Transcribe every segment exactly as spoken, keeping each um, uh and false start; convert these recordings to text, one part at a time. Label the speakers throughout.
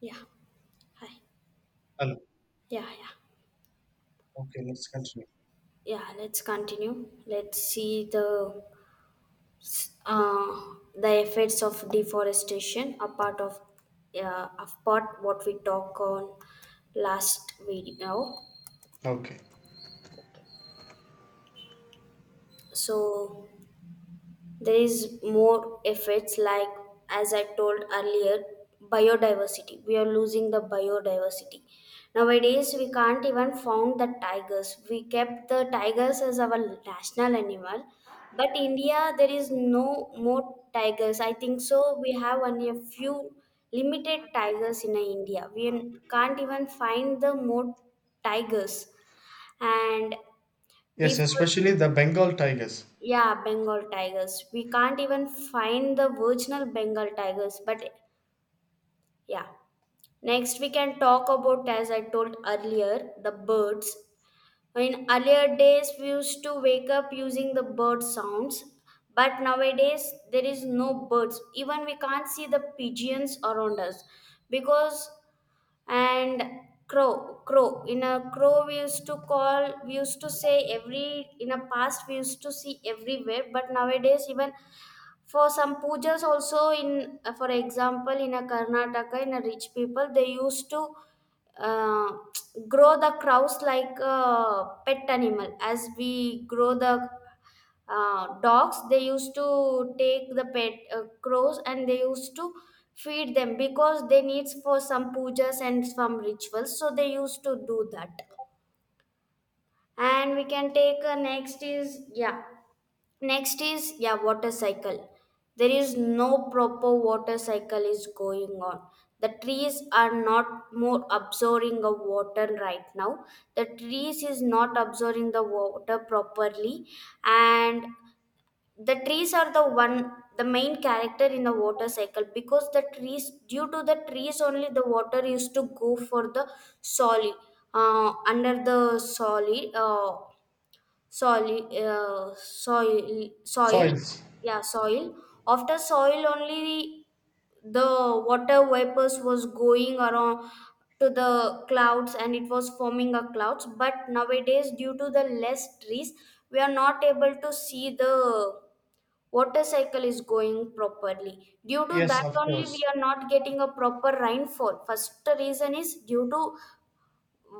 Speaker 1: Yeah. Hi.
Speaker 2: Well,
Speaker 1: Yeah, yeah.
Speaker 2: okay, let's continue.
Speaker 1: Yeah, let's continue. Let's see the uh, the effects of deforestation, apart of uh, apart what we talked on last video.
Speaker 2: Okay.
Speaker 1: So there is more effects, like, as I told earlier, biodiversity. We are losing the biodiversity. Nowadays we can't even found the tigers. We kept the tigers as our national animal, but India, there is no more tigers. I think so we have only a few limited tigers in India. We can't even find the more tigers. And
Speaker 2: Yes,
Speaker 1: default
Speaker 2: especially the Bengal tigers.
Speaker 1: yeah, Bengal tigers. We can't even find the original Bengal tigers, but yeah. Next, we can talk about, as I told earlier, the birds. In earlier days, we used to wake up using the bird sounds, but nowadays there is no birds. Even we can't see the pigeons around us, because, and crow crow in a crow we used to call, we used to say, every in a past we used to see everywhere, but nowadays even for some pujas also in, uh, for example, in a Karnataka, in a rich people they used to, uh, grow the crows like a pet animal, as we grow the, uh, dogs. They used to take the pet, uh, crows, and they used to feed them because they needs for some pujas and some rituals, so they used to do that. And we can take, uh, next is, yeah. Next is, yeah, water cycle. There is no proper water cycle is going on. The trees are not more absorbing the water right now. The trees is not absorbing the water properly, and the trees are the one, the main character in the water cycle, because the trees, due to the trees only, the water used to go for the solid, uh, under the solid, uh, soil, uh, soil, soil,
Speaker 2: Soils.
Speaker 1: yeah, soil. After soil, only the water vapors was going around to the clouds, and it was forming a clouds. But nowadays, due to the less trees, we are not able to see the water cycle is going properly. Due to
Speaker 2: Yes,
Speaker 1: that
Speaker 2: of
Speaker 1: only, we
Speaker 2: course.
Speaker 1: are not getting a proper rainfall. First reason is due to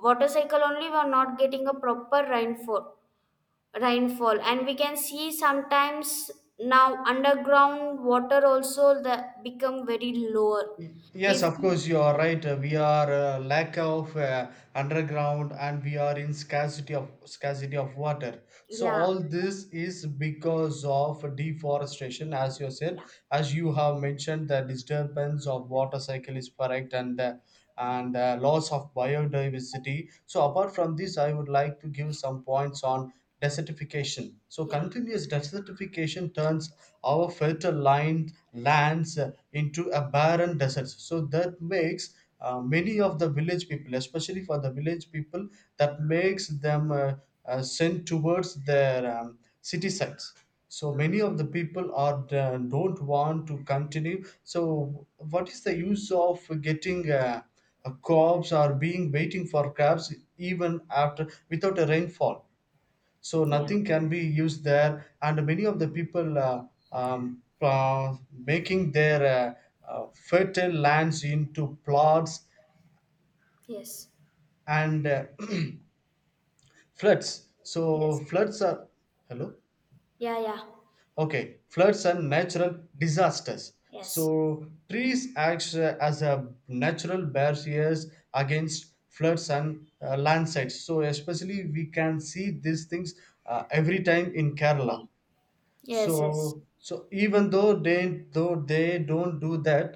Speaker 1: water cycle only, we are not getting a proper rainfall rainfall, and we can see sometimes now underground water also that become very lower.
Speaker 2: Y- Yes,
Speaker 1: If
Speaker 2: of course, you are right. Uh, We are uh, lack of uh, underground, and we are in scarcity of scarcity of water. So
Speaker 1: Yeah,
Speaker 2: all this is because of deforestation, as you said,
Speaker 1: yeah,
Speaker 2: as you have mentioned. The disturbance of water cycle is correct, and uh, and uh, loss of biodiversity. So apart from this, I would like to give some points on desertification. So
Speaker 1: yeah,
Speaker 2: continuous desertification turns our fertile line lands into a barren desert. So that makes uh, many of the village people, especially for the village people, that makes them uh, uh, sent towards their um, city sites. So many of the people are uh, don't want to continue. So what is the use of getting? Uh, uh, crops are being waiting for crops even after without a rainfall, so
Speaker 1: yeah.
Speaker 2: nothing can be used there. And many of the people, uh, um, uh, making their uh, uh, fertile lands into plots,
Speaker 1: Yes,
Speaker 2: and uh, floods. So
Speaker 1: yes.
Speaker 2: floods are, hello,
Speaker 1: Yeah, yeah.
Speaker 2: okay, floods and natural disasters. So
Speaker 1: Yes.
Speaker 2: trees act uh, as a natural barriers against floods and uh, landslides. So especially we can see these things uh, every time in Kerala.
Speaker 1: Yeah.
Speaker 2: So,
Speaker 1: Yes, yes,
Speaker 2: so even though they though they don't do that,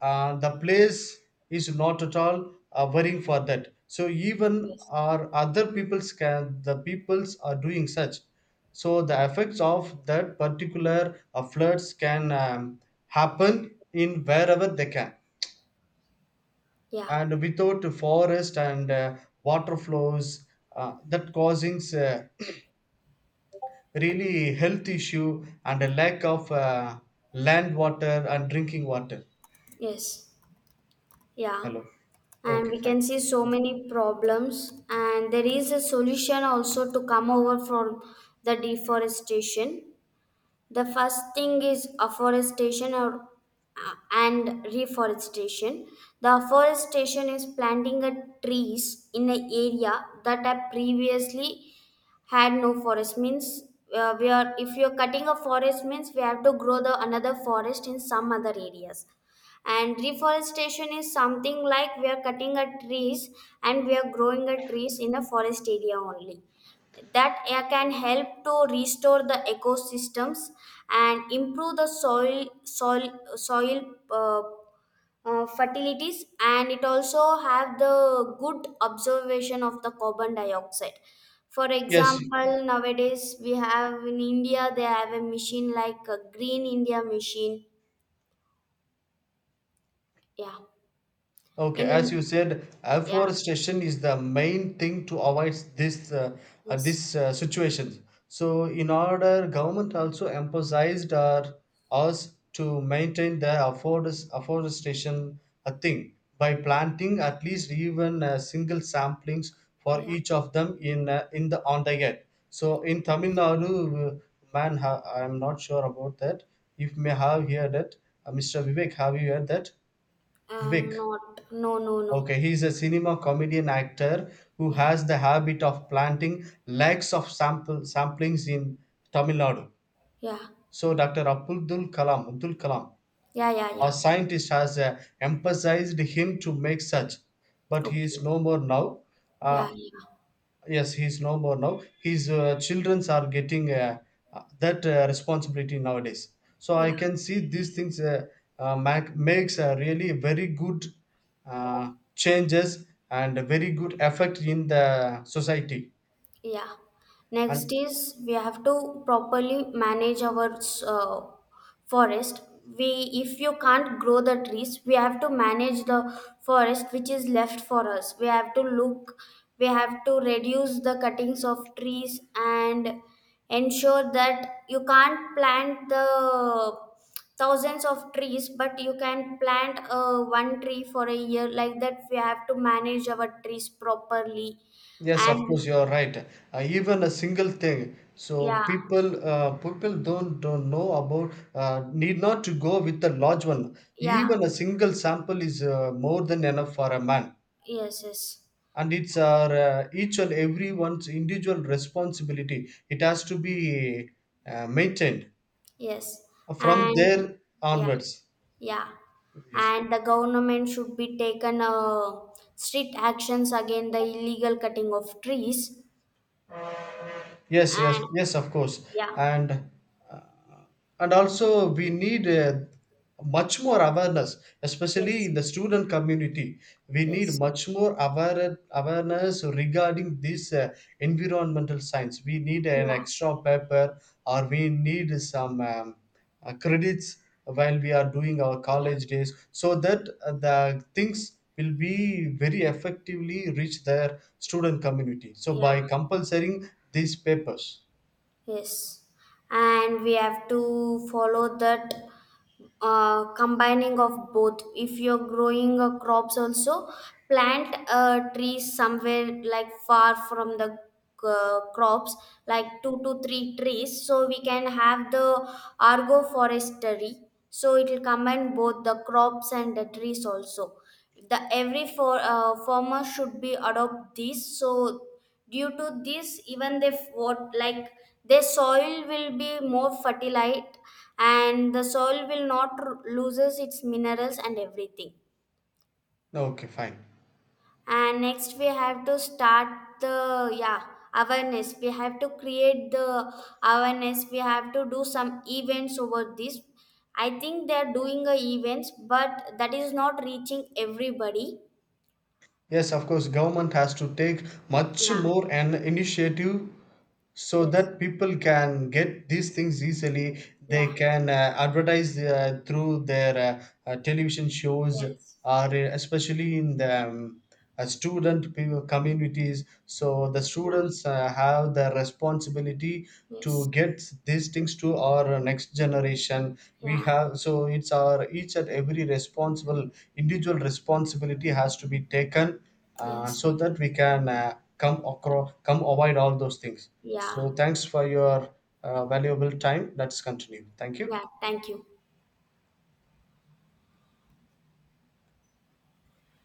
Speaker 2: uh, the place is not at all uh, worrying for that. So even
Speaker 1: yes.
Speaker 2: our other peoples can, the peoples are doing such. So the effects of that particular uh, floods can um, happen in wherever they can,
Speaker 1: Yeah.
Speaker 2: and without forest and uh, water flows, uh, that causing uh, really health issue and a lack of uh, land water and drinking water.
Speaker 1: Yes. Yeah.
Speaker 2: Hello.
Speaker 1: And
Speaker 2: Okay,
Speaker 1: we
Speaker 2: fine.
Speaker 1: can see so many problems, and there is a solution also to come over from the deforestation. The first thing is afforestation or, uh, and reforestation. The afforestation is planting a trees in an area that have previously had no forest. Means, uh, we are, if you're cutting a forest means we have to grow the another forest in some other areas. And reforestation is something like we are cutting a trees, and we are growing a trees in a forest area only, that, uh, can help to restore the ecosystems and improve the soil soil soil uh, uh, fertilities, and it also have the good observation of the carbon dioxide. For
Speaker 2: Yes.
Speaker 1: example, nowadays we have in India, they have a machine like a green India machine. Yeah.
Speaker 2: Okay,
Speaker 1: In
Speaker 2: as you
Speaker 1: an.
Speaker 2: said,
Speaker 1: Yeah.
Speaker 2: afforestation is the main thing to avoid this uh, uh,
Speaker 1: Yes.
Speaker 2: this uh, situation. So, in order, government also emphasized our, us to maintain the afforest, afforestation uh, thing by planting at least even uh, single samplings for
Speaker 1: Yeah.
Speaker 2: each of them in uh, in the on the get. So, in Tamil Nadu, uh, man, ha- I'm not sure about that. If may have heard that, uh, mister Vivek, have you heard that?
Speaker 1: I'm
Speaker 2: Vivek.
Speaker 1: not. No, no, no.
Speaker 2: Okay, he's a cinema comedian actor who
Speaker 1: Yeah,
Speaker 2: has the habit of planting lakhs of sample samplings in Tamil Nadu.
Speaker 1: yeah,
Speaker 2: So doctor Abdul Kalam, Abdul Kalam,
Speaker 1: yeah, yeah,
Speaker 2: a
Speaker 1: yeah.
Speaker 2: scientist, has uh, emphasized him to make such, but he is
Speaker 1: Okay.
Speaker 2: no more now.
Speaker 1: Yeah,
Speaker 2: Uh,
Speaker 1: yeah,
Speaker 2: Yes, he's no more now. His uh, childrens are getting uh, uh, that uh, responsibility nowadays. So I
Speaker 1: yeah.
Speaker 2: can see these things uh, uh, mac- makes a really very good uh, changes and a very good effect in the society.
Speaker 1: Yeah. Next
Speaker 2: And
Speaker 1: is we have to properly manage our, uh, forest. We, if you can't grow the trees, we have to manage the forest which is left for us. We have to look, we have to reduce the cuttings of trees, and ensure that you can't plant the thousands of trees, but you can plant, uh, one tree for a year. Like that, we have to manage our trees properly.
Speaker 2: yes, of
Speaker 1: And
Speaker 2: course, you are right. Uh, even a single thing. So
Speaker 1: yeah,
Speaker 2: people uh, people don't don't know about uh, need not to go with the large one.
Speaker 1: yeah,
Speaker 2: Even a single sample is uh, more than enough for a man,
Speaker 1: yes, yes,
Speaker 2: and it's our uh, each and everyone's individual responsibility. It has to be uh, maintained
Speaker 1: yes,
Speaker 2: from
Speaker 1: and
Speaker 2: there
Speaker 1: yeah,
Speaker 2: onwards.
Speaker 1: yeah,
Speaker 2: Yes,
Speaker 1: and the government should be taken, uh, strict actions against the illegal cutting of trees,
Speaker 2: yes, yes,
Speaker 1: and
Speaker 2: yes, of course.
Speaker 1: yeah,
Speaker 2: and and also we need uh, much more awareness, especially
Speaker 1: yes,
Speaker 2: in the student community. We need
Speaker 1: yes,
Speaker 2: much more aware- awareness regarding this uh, environmental science. We need an
Speaker 1: yeah,
Speaker 2: extra paper, or we need some um, uh, credits while we are doing our college
Speaker 1: yeah,
Speaker 2: days, so that uh, the things will be very effectively reach their student community, so
Speaker 1: yeah.
Speaker 2: by compulsoring these papers.
Speaker 1: Yes, and we have to follow that, uh, combining of both. If you're growing, uh, crops, also plant, uh, trees somewhere like far from the, uh, crops, like two to three trees, so we can have the agroforestry. So it will combine both the crops and the trees also. The every for, uh, farmer should be adopt this, so due to this, even they f- what like, their soil will be more fertilized, and the soil will not r- loses its minerals and everything.
Speaker 2: Okay, fine.
Speaker 1: And next we have to start the, yeah, awareness. We have to create the awareness. We have to do some events over this. I think they are doing a events, but that is not reaching everybody.
Speaker 2: Yes, of course, government has to take much
Speaker 1: Yeah,
Speaker 2: more an initiative so
Speaker 1: yes,
Speaker 2: that people can get these things easily. They
Speaker 1: yeah,
Speaker 2: can uh, advertise uh, through their uh, uh, television shows, or
Speaker 1: yes,
Speaker 2: uh, especially in the um, a student pe- communities, so the
Speaker 1: yeah,
Speaker 2: students uh, have the responsibility to
Speaker 1: yes,
Speaker 2: get these things to our next generation. We
Speaker 1: yeah,
Speaker 2: have, so it's our each and every responsible individual responsibility has to be taken, uh,
Speaker 1: yes.
Speaker 2: so that we can uh, come across come avoid all those things.
Speaker 1: Yeah,
Speaker 2: So thanks for your uh, valuable time. Let's continue. Thank
Speaker 1: yeah,
Speaker 2: you.
Speaker 1: thank you.